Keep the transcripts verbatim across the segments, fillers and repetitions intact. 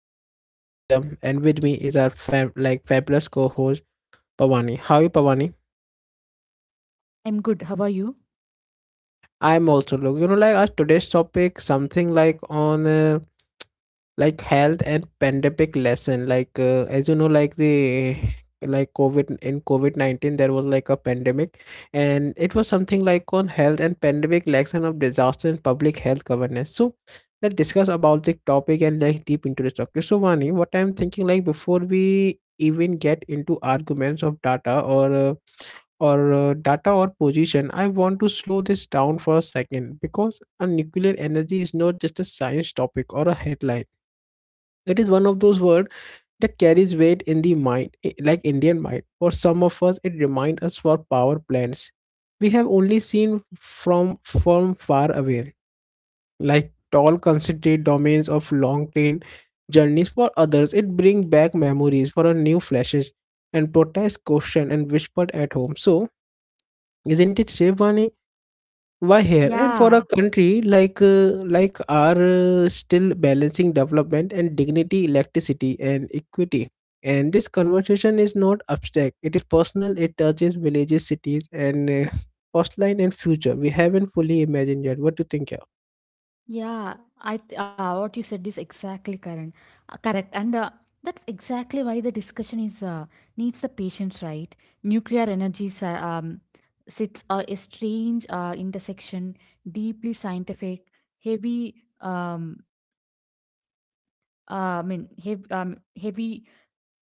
I am your host Satyam and with me is our fam- like fabulous co-host Pavani. How are you Pavani? I'm good. How are you? I am also look, you know like our today's topic something like on uh, like health and pandemic lesson like uh, as you know like the like covid in covid nineteen there was like a pandemic and it was something like on health and pandemic lesson of disaster and public health governance. So let's discuss about the topic and like deep into the topic. So Vani, what I'm thinking, like before we even get into arguments of data or uh, or uh, data or position, I want to slow this down for a second because a nuclear energy is not just a science topic or a headline. It is one of those words that carries weight in the mind, i- like Indian mind. For some of us it reminds us for power plants we have only seen from from far away, like tall concentrated domains of long train journeys. For others it brings back memories for a new flashes and protest question and whispered at home. So isn't it Shiv, why here? And for a Yeah, country like uh, like our uh, still balancing development and dignity, electricity and equity, and this conversation is not abstract, it is personal. It touches villages, cities and uh, coastline and future we haven't fully imagined yet. What do you think? Yeah, yeah. I th- uh, what you said is exactly current, uh, correct, and uh, that's exactly why the discussion is uh, needs the patience, right? Nuclear energy si- um, sits uh, a strange uh, intersection, deeply scientific, heavy. Um, uh, I mean, hev- um, heavy,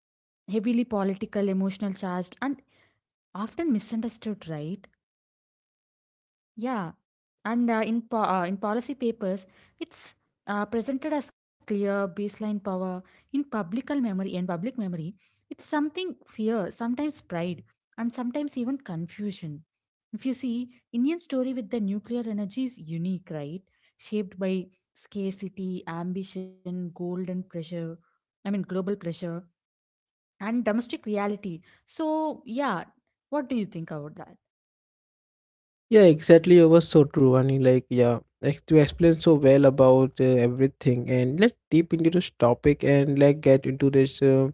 heavily political, emotional charged, and often misunderstood, right? Yeah, and uh, in po uh, in policy papers, it's uh, presented as clear baseline power. In publical memory and public memory, it's something fear, sometimes pride, and sometimes even confusion. If you see, Indian story with the nuclear energy is unique, right? Shaped by scarcity, ambition, gold, and pressure. I mean, global pressure and domestic reality. So, yeah, what do you think about that? yeah, exactly, it was so true. And like, yeah, like to explain so well about uh, everything. And let's deep into this topic and like get into this uh,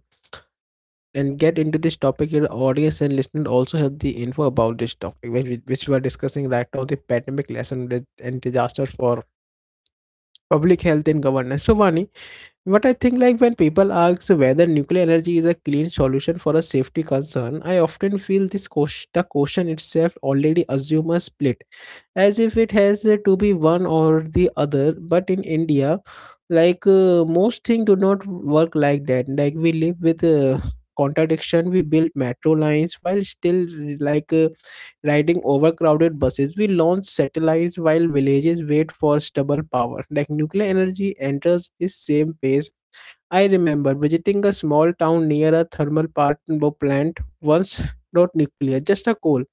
and get into this topic. Your audience and listener also have the info about this topic which we, which we are discussing right now, the pandemic lesson with- and disaster for public health and governance. So Vani, what I think, like when people ask whether nuclear energy is a clean solution for a safety concern, I often feel this ques- the question itself already assumes a split, as if it has uh, to be one or the other. But in India, like uh, most things do not work like that. Like we live with uh, contradiction. We build metro lines while still like uh, riding overcrowded buses. We launch satellites while villages wait for stable power. Like nuclear energy enters this same pace. I remember visiting a small town near a thermal power plant once, not nuclear, just a coal.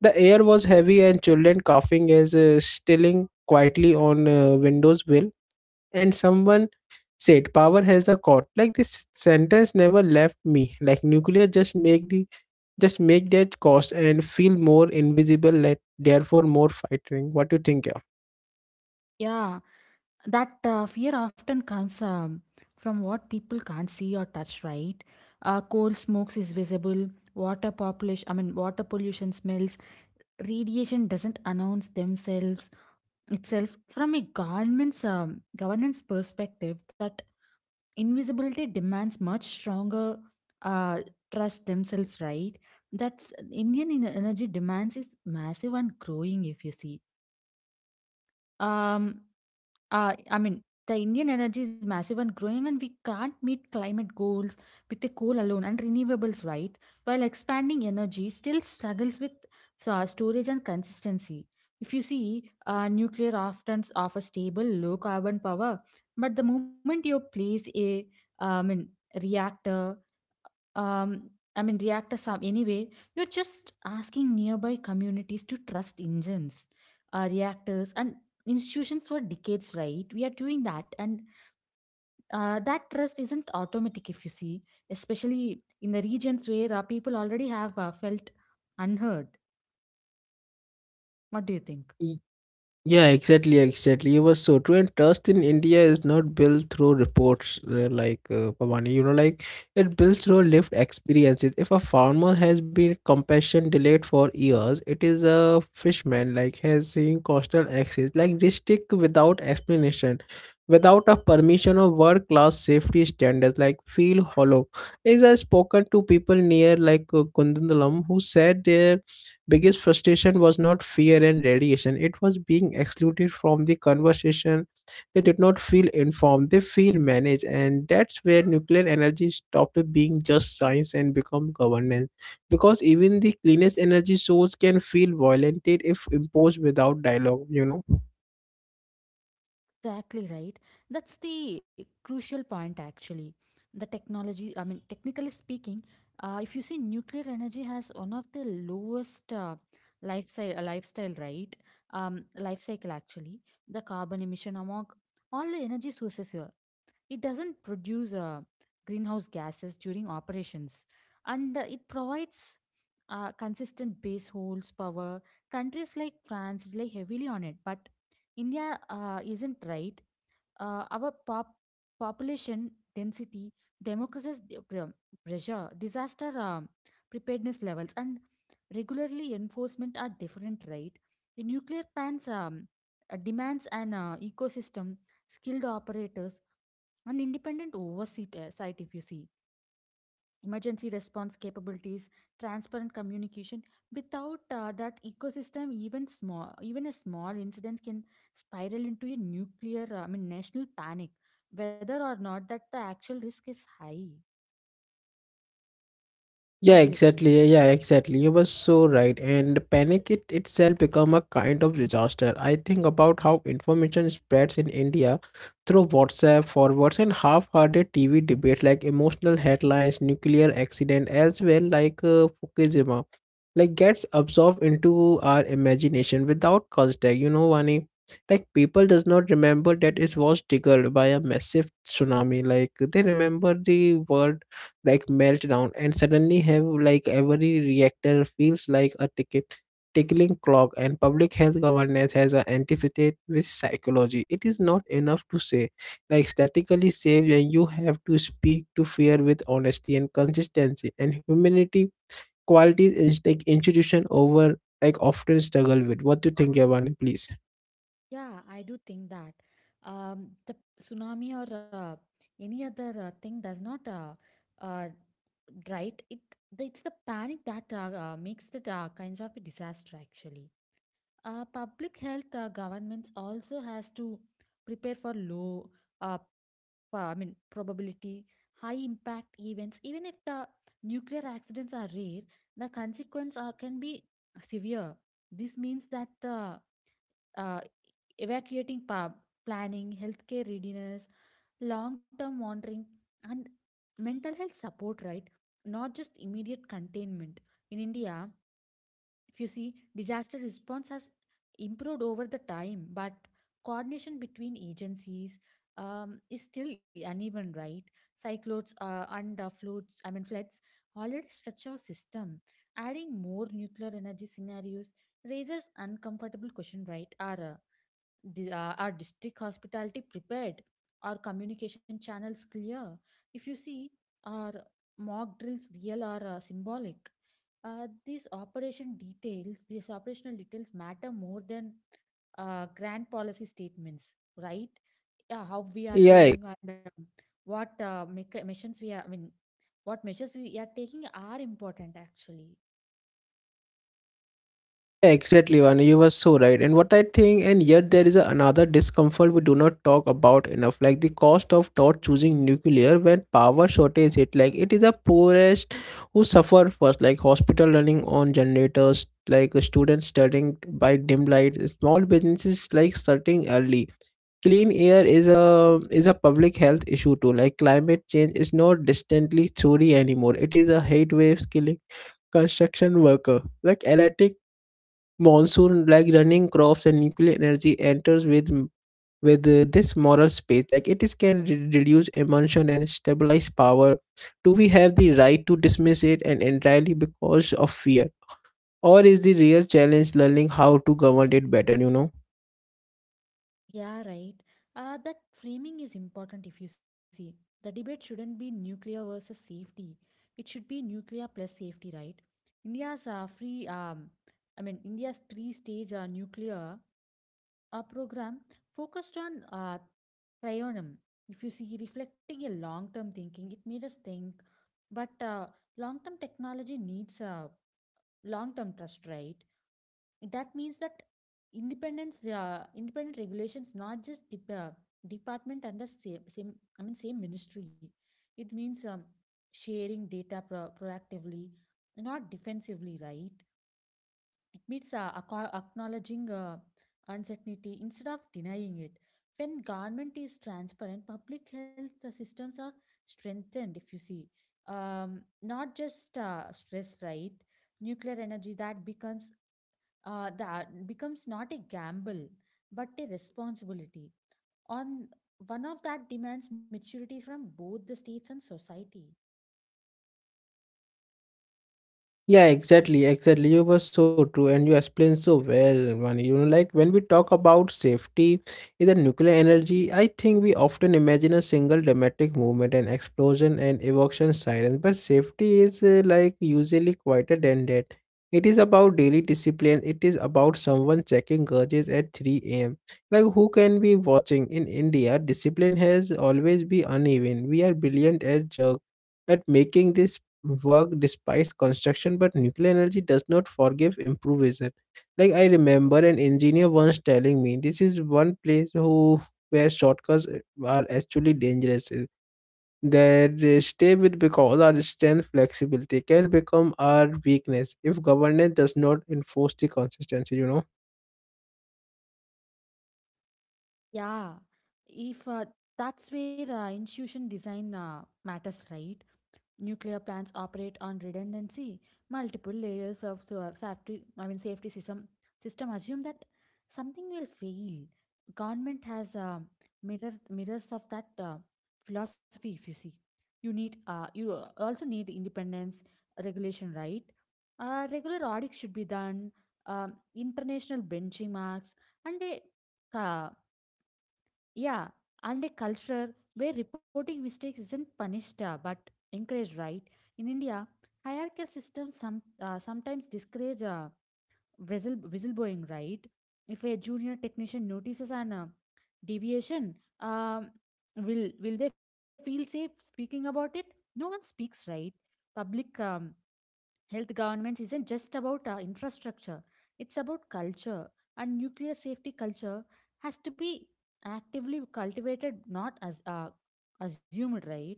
The air was heavy and children coughing as uh, stilling quietly on uh, windows will. And someone said, "Power has the cord." Like this sentence never left me. Like nuclear just make the just make that cost and feel more invisible. Let therefore more fighting. What do you think? Yeah, that uh, fear often comes um, from what people can't see or touch, right? Uh, coal smokes is visible. Water population I mean Water pollution smells. Radiation doesn't announce themselves itself. From a government's um, governance perspective, that invisibility demands much stronger uh, trust themselves, right? That's indian en- energy demands is massive and growing. If you see um Uh, I mean, the Indian energy is massive and growing, and we can't meet climate goals with the coal alone and renewables, right? While expanding energy still struggles with so, uh, storage and consistency. If you see, uh, nuclear often offers stable, low carbon power, but the moment you place a um, reactor um, I mean, Reactor some anyway, you're just asking nearby communities to trust engines, uh, reactors, and institutions for decades, right? We are doing that, and uh, that trust isn't automatic if you see, especially in the regions where uh, people already have uh, felt unheard. What do you think? Yeah? Yeah, exactly, exactly. You were so true. And trust in India is not built through reports uh, like uh, Pavani. You know, like it builds through lived experiences. If a farmer has been compassion delayed for years, it is a fishman like has seen coastal access like restrict without explanation, without a permission of world class safety standards like feel hollow. As I spoken to people near like uh, Kundandalam, who said their biggest frustration was not fear and radiation, it was being excluded from the conversation. They did not feel informed, they feel managed. And that's where nuclear energy stopped being just science and become governance, because even the cleanest energy source can feel violated if imposed without dialogue, you know. Exactly right. That's the crucial point, actually. The technology, I mean, technically speaking, uh, if you see, nuclear energy has one of the lowest uh, lifestyle, lifestyle, right? Um, life cycle, actually. The carbon emission among all the energy sources here. It doesn't produce uh, greenhouse gases during operations, and uh, it provides uh, consistent base holds power. Countries like France rely heavily on it, but India uh, isn't right. Uh, our pop- population density, democracy's d- pre- pressure, disaster um, preparedness levels, and regularly enforcement are different, right? The nuclear plants um, uh, demands an uh, ecosystem, skilled operators, and independent oversight, uh, site if you see, emergency response capabilities, transparent communication. Without uh, that ecosystem, even small even a small incident can spiral into a nuclear uh, I mean national panic, whether or not that the actual risk is high. Yeah, What do you think? exactly. Yeah, yeah, exactly. You were so right. And panic it itself become a kind of disaster. I think about how information spreads in India through WhatsApp forwards and half-hearted T V debates, like emotional headlines, nuclear accident, as well like uh, Fukushima, like gets absorbed into our imagination without context. You know, Vani, like people does not remember that it was triggered by a massive tsunami. Like they remember the world like meltdown and suddenly have like every reactor feels like a ticket tickling clock. And public health governance has an antithesis with psychology. It is not enough to say like statically safe when you have to speak to fear with honesty and consistency and humanity, qualities is like institution over like often struggle with. What do you think about, please? Yeah, I do think that um, the tsunami or uh, any other uh, thing does not uh, uh, right. It the- it's the panic that uh, uh, makes the uh, kinds of a disaster, actually. Uh, public health uh, governments also has to prepare for low uh, pa- i mean probability, high impact events. Even if the nuclear accidents are rare, the consequence are, can be severe. This means that the uh, evacuating pa- planning, healthcare readiness, long term monitoring, and mental health support, right? Not just immediate containment. In India, if you see, disaster response has improved over the time, but coordination between agencies um, is still uneven, right? Cyclones uh, and uh, floods I mean floods already stretch our system. Adding more nuclear energy scenarios raises uncomfortable question, right? Or Di- uh, Are district hospitality prepared? Are communication channels clear? If you see, are mock drills real or uh, symbolic? Uh, these operation details, these operational details matter more than uh, grand policy statements, right? Yeah, how we are Yeah. doing and um, what uh, mecha- missions we are, I mean, What measures we are taking are important, actually. Yeah, exactly, and you were so right. And what I think, and yet there is a, another discomfort we do not talk about enough, like the cost of not choosing nuclear when power shortage hit. Like it is the poorest who suffer first, like hospital running on generators, like students studying by dim light, small businesses like starting early. Clean air is a is a public health issue too. Like climate change is not distantly theory anymore. It is a heat waves killing construction worker. Like erratic monsoon like running crops. And nuclear energy enters with with uh, this moral space, like it is can re- reduce emotion and stabilize power. Do we have the right to dismiss it and entirely because of fear, or is the real challenge learning how to govern it better, you know? Yeah, right. Uh, that framing is important if you see. The debate shouldn't be nuclear versus safety. It should be nuclear plus safety, right? India's uh, free, um, I mean, India's three stage uh, nuclear uh, program focused on uh, trionium. If you see, reflecting a long term thinking, it made us think, but uh, long term technology needs uh, long term trust, right? That means that independence uh, independent regulations, not just dep- uh, department under same, same i mean same ministry. It means um, sharing data pro- proactively, not defensively, right? It means uh, acco- acknowledging uh, uncertainty instead of denying it. When government is transparent, public health uh, systems are strengthened. If you see, um, not just uh, stress, right? Nuclear energy that becomes uh, that becomes not a gamble but a responsibility. On one of that demands maturity from both the states and society. Yeah, exactly, exactly. You were so true, and you explained so well, Vani. You know, like when we talk about safety in the nuclear energy, I think we often imagine a single dramatic movement, an explosion, and evocation sirens. But safety is uh, like usually quieter than that. It is about daily discipline. It is about someone checking gauges at three a m. Like who can be watching in India? Discipline has always been uneven. We are brilliant as jerk at making this work despite construction, but nuclear energy does not forgive improviser. Like I remember an engineer once telling me, this is one place who where shortcuts are actually dangerous. That they stay with, because our strength flexibility can become our weakness if governance does not enforce the consistency, you know. Yeah, if uh, that's where uh, institution design uh, matters, right? Nuclear plants operate on redundancy. Multiple layers of so- uh, safety, I mean safety system system assume that something will fail. Government has uh, mirror, mirrors of that uh, philosophy. If you see, you need uh, you also need independence regulation, right? Uh, regular audits should be done. Um, international benchmarks and a uh, yeah, and a culture where reporting mistakes isn't punished uh, but encouraged, right? In India, hierarchical systems some, uh, sometimes discourage uh, whistle, whistleblowing, right? If a junior technician notices an uh, deviation, um, will will they feel safe speaking about it? No one speaks, right? Public um, Health governance isn't just about uh, infrastructure, it's about culture, and nuclear safety culture has to be actively cultivated, not as uh, assumed, right?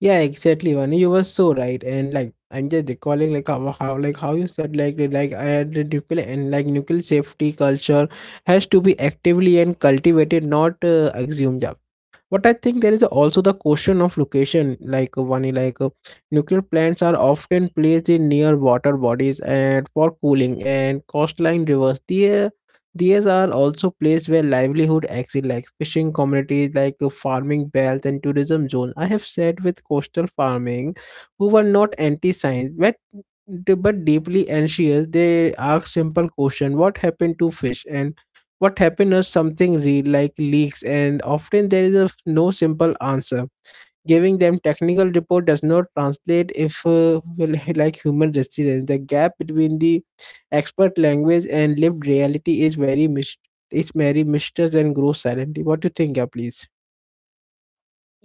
Yeah, exactly, Vani. You were so right. And like I'm just recalling like how, how like how you said like like I the nuclear and like nuclear safety culture has to be actively and cultivated, not uh, assumed. But I think there is also the question of location, like uh, one like uh, nuclear plants are often placed in near water bodies and for cooling and coastline rivers. There, these are also places where livelihood exist, like fishing communities, like uh, farming belts and tourism zone. I have sat with coastal farming, who were not anti-science, but d- but deeply anxious. They ask simple question: what happened to fish? And what happened is something real like leaks, and often there is a, no simple answer. Giving them technical report does not translate if uh, well, like human resilience, the gap between the expert language and lived reality is very mis- is very mysterious and grows silently. What do you think, yeah, please? Yeah,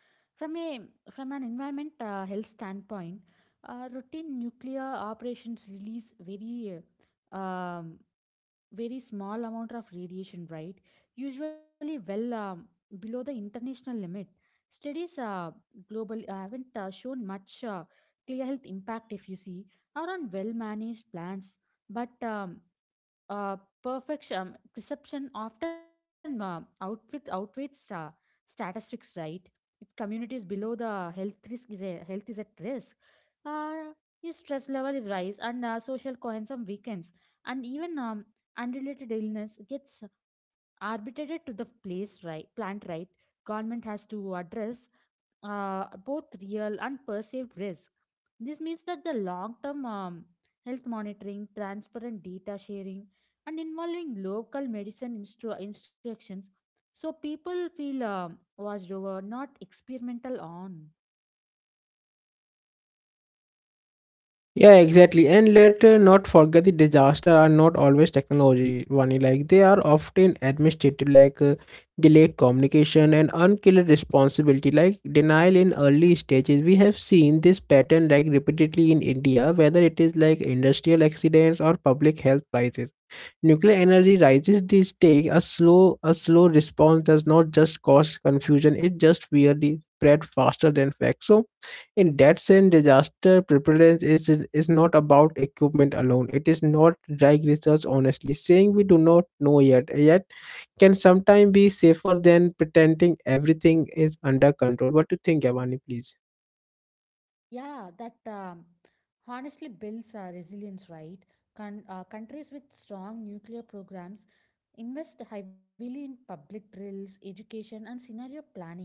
from a from an environment uh, health standpoint, uh, routine nuclear operations release very uh, um, very small amount of radiation, right? Usually well um, below the international limit. Studies uh, global uh, haven't uh, shown much uh, clear health impact, if you see, or on well managed plants. But um, uh, perfection um, perception often uh, outwit outwits uh, statistics, right? If communities below the health risk is a health is at risk, uh, your stress level is rise and uh, social cohesion weakens, and even um, unrelated illness gets arbitrated to the place right plant, right? Government has to address uh, both real and perceived risk. This means that the long term um, health monitoring, transparent data sharing, and involving local medicine instru- instructions, so people feel um, watched over, not experimental on. Yeah, exactly. And let uh, not forget the disaster are not always technology only. Like they are often administrative, like uh, delayed communication and unclear responsibility, like denial in early stages. We have seen this pattern like repeatedly in India, whether it is like industrial accidents or public health crisis. Nuclear energy rises the stake. A slow, a slow response does not just cause confusion; it just weirdly spread faster than facts. So, in that sense, disaster preparedness is is not about equipment alone. It is not drag research. Honestly, saying we do not know yet yet can sometimes be safer than pretending everything is under control. What do you think, Yavani? Please. Yeah, that um, honestly builds uh, resilience, right? Con- uh, countries with strong nuclear programs invest heavily in public drills, education, and scenario planning.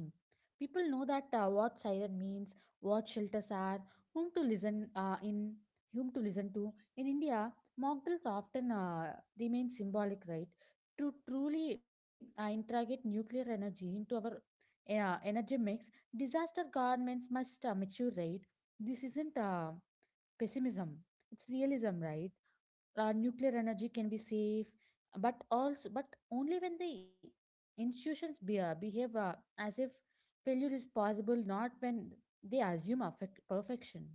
People know that uh, what siren means, what shelters are, whom to listen uh, in, whom to listen to. In India, mock drills often uh, remain symbolic, right? To truly uh, integrate nuclear energy into our uh, energy mix, disaster governments must uh, mature, right? This isn't uh, pessimism; it's realism, right? Uh, nuclear energy can be safe, but also, but only when the institutions be, uh, behave uh, as if failure is possible, not when they assume affect perfection.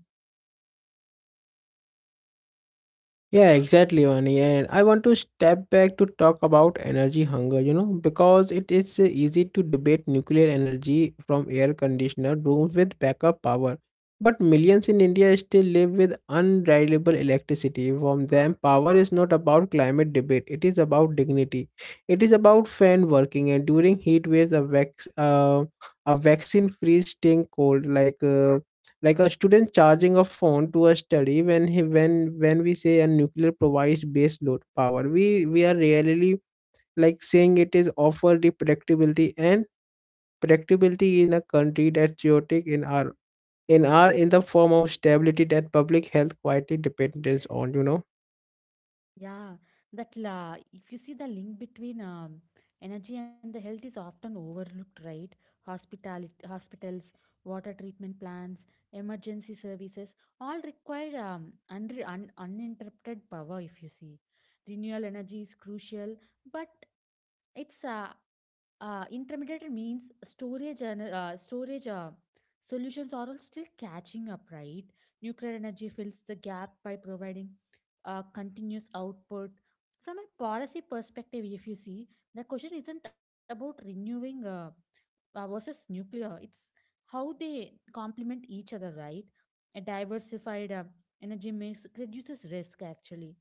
Yeah, exactly, Vani. And I want to step back to talk about energy hunger, you know, because it is uh, easy to debate nuclear energy from air conditioner rooms with backup power. But millions in India still live with unreliable electricity. From them, power is not about climate debate, it is about dignity. It is about fan working. And during heat waves, a, vac- uh, a vaccine freeze staying cold, like. Uh, like a student charging a phone to a study when he when when we say a nuclear provides base load power, we we are really like saying it is offer the predictability, and predictability in a country that chaotic in our in our in the form of stability that public health quietly depends on, you know. Yeah, that la if you see, the link between um, energy and the health is often overlooked, right? Hospital hospitals, water treatment plants, emergency services, all require um, unre- un uninterrupted power if you see. Renewable energy is crucial, but it's uh, uh, intermediate means storage and uh, storage uh, solutions are all still catching up, right? Nuclear energy fills the gap by providing uh, continuous output. From a policy perspective, if you see, the question isn't about renewing uh, uh, versus nuclear. It's how they complement each other, right? A diversified uh, energy mix reduces risk actually.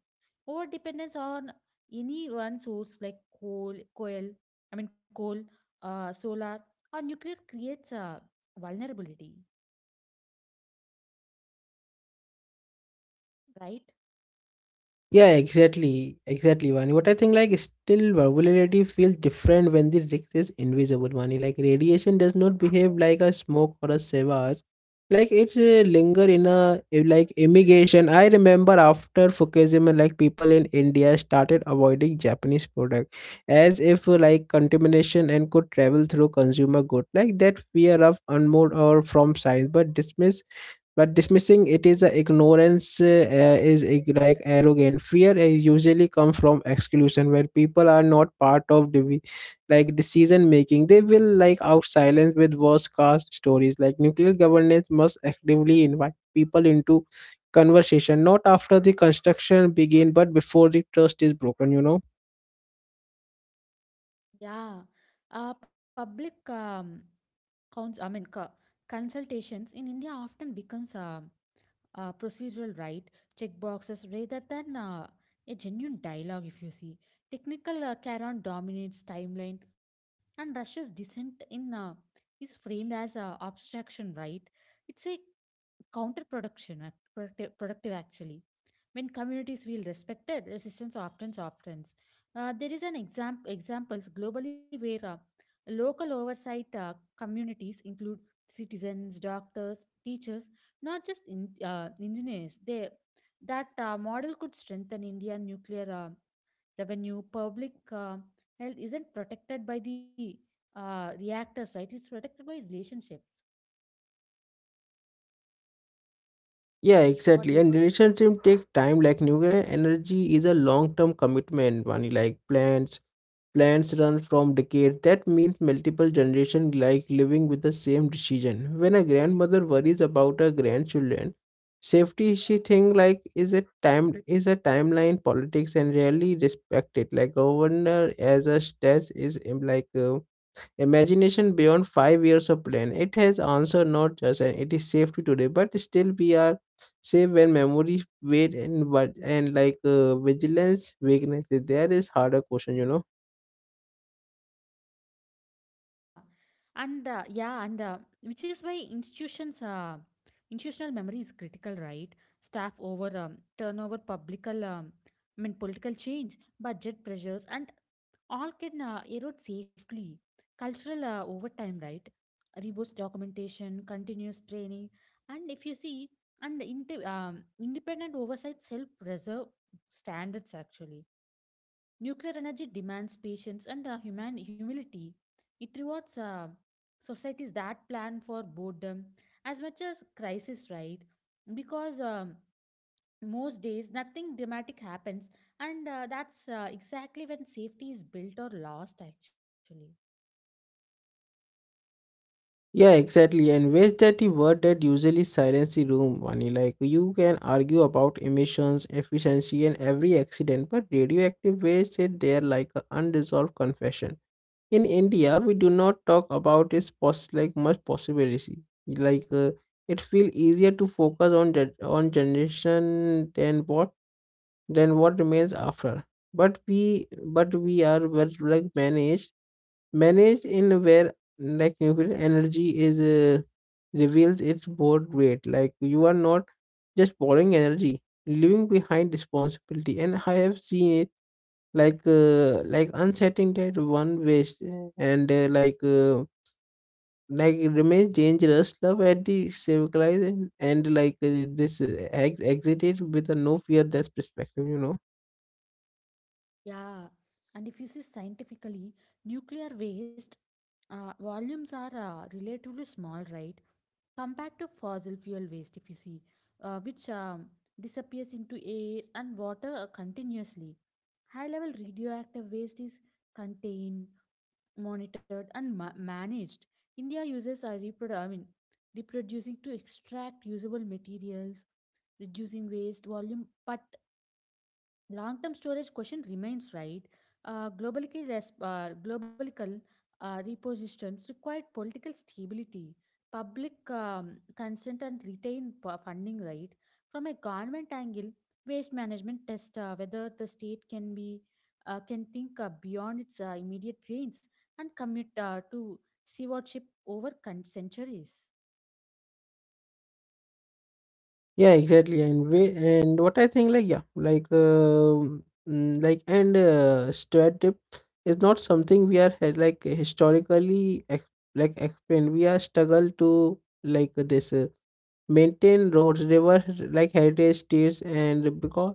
Over dependence on any one source like coal, coal, I mean coal, uh, solar, or nuclear creates a vulnerability, right? Yeah, exactly. Exactly, Vani. What I think like still versatility feels different when the risk is invisible, Vani. Like radiation does not behave like a smoke or a savage. Like it's a linger in a eh, like immigration. I remember after Fukushima, like people in India started avoiding Japanese product as if uh, like contamination and could travel through consumer good. Like that fear of unmoored or from science, but dismiss but dismissing it is a ignorance uh, uh, is ig- like arrogant fear uh, usually comes from exclusion where people are not part of the like decision making. They will like out silence with worse cast stories. Like nuclear governance must actively invite people into conversation, not after the construction begin, but before the trust is broken you know Yeah. Uh, public um, counts, I mean, co- consultations in India often becomes um uh, procedural, right? Checkboxes rather than uh, a genuine dialogue. If you see, technical uh, caron dominates timeline, and russia's dissent in uh, is framed as uh, abstraction, right? It's a counterproduction act- productive productive, actually. When communities feel respected, resistance often softens. Uh, there is an exam- examples globally where uh, local oversight uh, communities include citizens, doctors, teachers, not just in, uh, engineers. They, that uh, model could strengthen Indian nuclear uh, revenue. Public uh, health isn't protected by the uh, reactors, right? It's protected by relationships. Yeah, What do exactly. you And think? relationship take time. Like nuclear energy is a long-term commitment. Money like plants, plants run from decade. That means multiple generation like living with the same decision. When a grandmother worries about her grandchildren, safety she think like is a time is a timeline politics and rarely respected. Like governor as a state is um, like. Uh, imagination beyond five years of plan. It has answered not just and it is safety today, but still we are safe when memory weight and what and like uh, vigilance weakness is there is harder question, you know. Yeah, and uh, yeah, and uh, which is why institutions, uh, institutional memory is critical, right? Staff over um, turnover, public, um, I mean, political change, budget pressures, and all can uh, erode safely. Cultural uh, over time, right? Robust documentation, continuous training, and if you see, and inte- um, independent oversights help preserve standards, actually. Nuclear energy demands patience and uh, human humility. It rewards uh, societies that plan for boredom as much as crisis, right? Because um, most days nothing dramatic happens, and uh, that's uh, exactly when safety is built or lost, actually. Yeah, exactly. And waste, that the word that usually silence the room, Vani. Like you can argue about emissions, efficiency, and every accident, but radioactive waste is there like an unresolved confession. In India, we do not talk about its poss- like much possibility. Like uh, it feel easier to focus on gen- on generation than what than what remains after. But we but we are well, like managed managed in where like nuclear energy is uh, reveals its board rate. Like you are not just borrowing energy, leaving behind responsibility. And I have seen it like uh, like uncertainty one waist and uh, like uh, like it remains dangerous love at the civilization and like uh, this uh, ex- exited with a no fear. That's perspective you know Yeah, and if you see scientifically, nuclear waste uh, volumes are uh, relatively small, right? Compared to fossil fuel waste, if you see, uh, which um, disappears into air and water uh, continuously. High level radioactive waste is contained, monitored, and ma- managed. India uses uh, reprodu- I mean, reproducing to extract usable materials, reducing waste volume, but long-term storage question remains, right. Uh, globally, res- uh, global uh, repositions required political stability, public um, consent, and retain p- funding. Right, from a government angle, waste management test uh, whether the state can be uh, can think uh, beyond its uh, immediate gains and commit uh, to stewardship over con- centuries. Yeah, exactly. And we and what I think like yeah like uh, mm, like and uh, stereotype is not something we are uh, like historically ex- like explained. We are struggle to like this uh, maintain roads, river, like heritage states. And because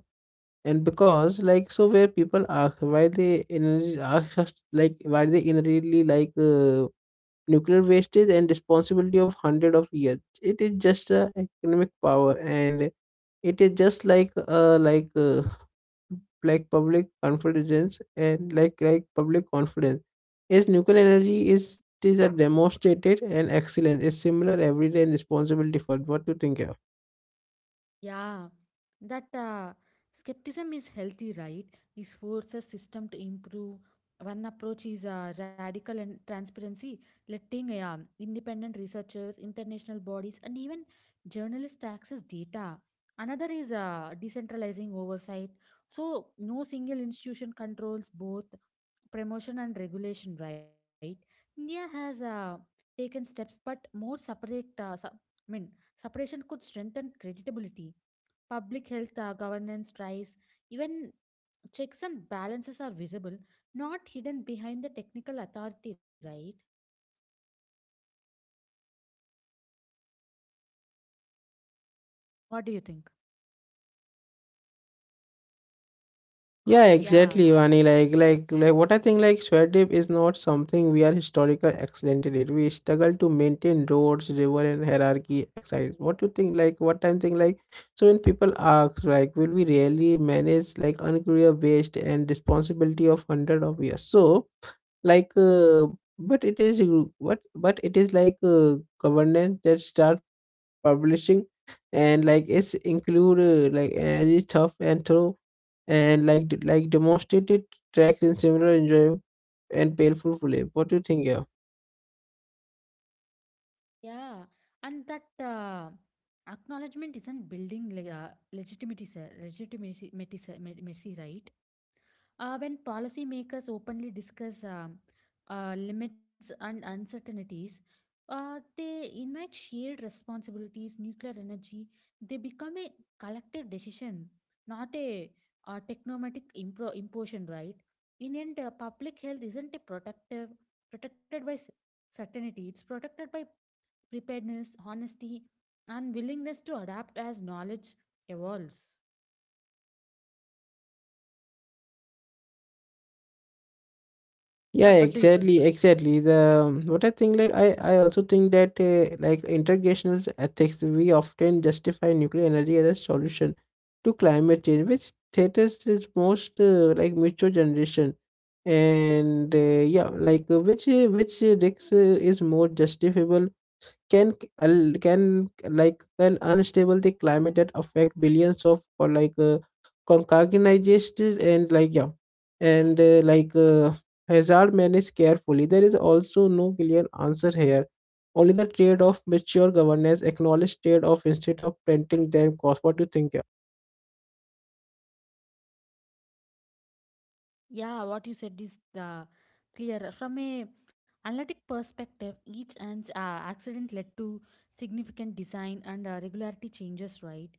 and because like so, where people ask why they inherit- ask us like why they inherently like uh, nuclear wastage and responsibility of hundred of years. It is just a economic power and it is just like uh like uh, like public confidence and like like public confidence is nuclear energy. Is it is a demonstrated and excellence is similar everyday and responsibility for? What do you think of? Yeah, that uh, skepticism is healthy, right? It forces system to improve. One approach is uh, radical and transparency, letting uh, independent researchers, international bodies, and even journalists access data. Another is uh, decentralizing oversight, so no single institution controls both promotion and regulation, right? India has uh, taken steps, but more separate. Uh, sub- I mean, separation could strengthen credibility. Public health uh, governance drives, even checks and balances are visible, not hidden behind the technical authority, right? What do you think? Yeah, Yeah, exactly, Vani. Like, like, like, what I think, like, Shwedip is not something we are historical excellent in it. We struggle to maintain roads, river, and hierarchy. Excited. What you think? Like, what I'm thinking? Like, so when people ask, like, will we really manage like unclear waste and responsibility of hundred of years? So, like, uh, but it is uh, what, but it is like uh, governance that start publishing and like it's include uh, like energy tough and thorough and like d- like demonstrated tracks in similar enjoyable and painful play. What do you think here? yeah, and that uh, acknowledgement isn't building le- uh, legitimacy, legitimacy, meti- se- me- messy, right? Uh, when policymakers openly discuss um, uh, limits and uncertainties, uh, they invite shared responsibilities, nuclear energy. They become a collective decision, not a, uh technomatic impro- imposition, right? In end, uh, public health isn't a protective protected by s- certainty. It's protected by preparedness, honesty, and willingness to adapt as knowledge evolves. Yeah, Yeah, what do you think? exactly, exactly. The um, what I think, like I, I also think that uh, like integrational ethics, we often justify nuclear energy as a solution to climate change, which status is most uh, like mature generation, and uh, yeah, like uh, which uh, which uh, risks uh, is more justifiable. can al- can like can unstable the climate that affect billions of or like uh, concatenated. And like yeah and uh, like uh, hazard managed carefully, there is also no clear answer here, only the trade of mature governance acknowledge trade off instead of painting them cost. What do you think, yeah? Yeah, what you said is the clear. From a analytic perspective, each and uh, accident led to significant design and uh, regularity changes, right?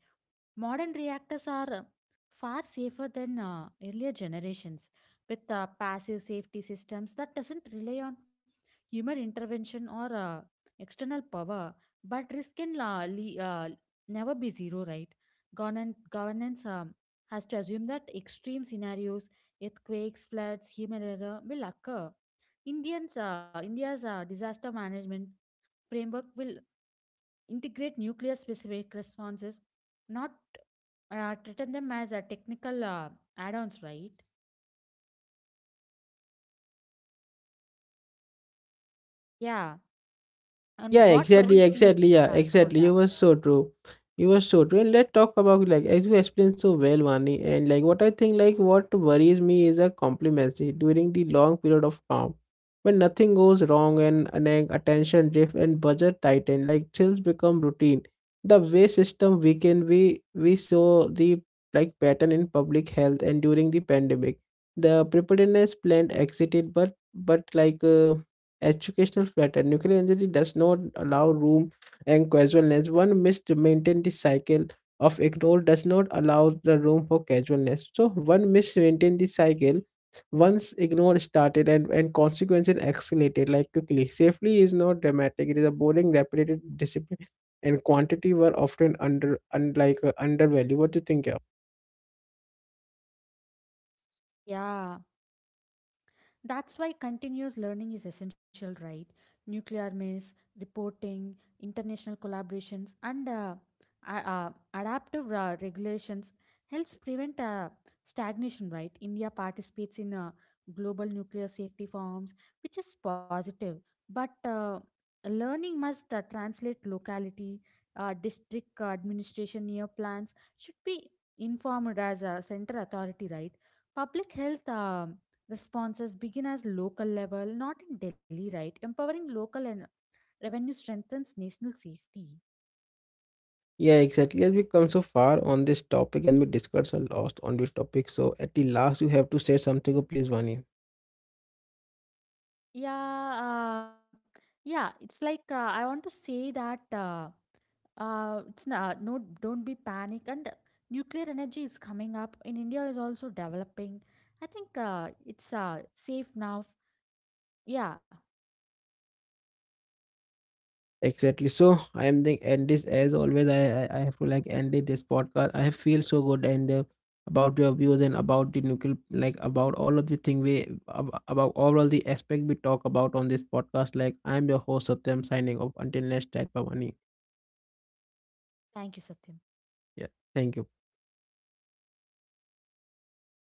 Modern reactors are uh, far safer than uh, earlier generations with uh, passive safety systems that doesn't rely on human intervention or uh, external power, but risk can uh, le- uh, never be zero, right? Govern- governance um, has to assume that extreme scenarios, earthquakes, floods, human error will occur. Indians, uh, india's uh, disaster management framework will integrate nuclear specific responses, not uh, treated them as a technical uh, add-ons, right? Yeah. And Yeah, what exactly, worries you, exactly, yeah, yeah, about exactly. You that? were so true. You were so true. And let's talk about, like, as you explained so well, Vani, and like what I think, like what worries me is a complacency during the long period of calm. When nothing goes wrong and, and then attention drift and budget tighten, like thrills become routine. The way system weaken, we we saw the like pattern in public health and during the pandemic. The preparedness plan exited, but but like uh, educational flatter. Nuclear energy does not allow room and casualness. One must maintain the cycle of ignore. Does not allow the room for casualness. So one must maintain the cycle once ignore started, and, and consequences escalated like quickly. Safely is not dramatic. It is a boring, repetitive discipline, and quantity were often under unlike uh, undervalued. What do you think? Yeah? Yeah. That's why continuous learning is essential, right? Nuclear maze, reporting, international collaborations, and uh, a- uh, adaptive uh, regulations helps prevent uh, stagnation, right? India participates in uh, global nuclear safety forums, which is positive, but uh, learning must uh, translate locality, uh, district administration near plans should be informed as a center authority, right? Public health. um responses begin as local level, not in Delhi, right? Empowering local and revenue strengthens national safety. Yeah, exactly. As we come so far on this topic and we discuss a lot on this topic, so at the last you have to say something, oh, please, Vani. Yeah, um, yeah. It's like uh, I want to say that uh, uh, it's not, no, don't be panic. And nuclear energy is coming up in India, is also developing. I think uh, it's uh, safe now. Yeah. Exactly. So I am the end this as always. I I I have to like end it this podcast. I have feel so good and uh, about your views and about the nuclear like about all of the thing we ab- about overall the aspect we talk about on this podcast. Like I am your host Satyam, signing off. Until next time, Pavani. Thank you, Satya. Yeah. Thank you.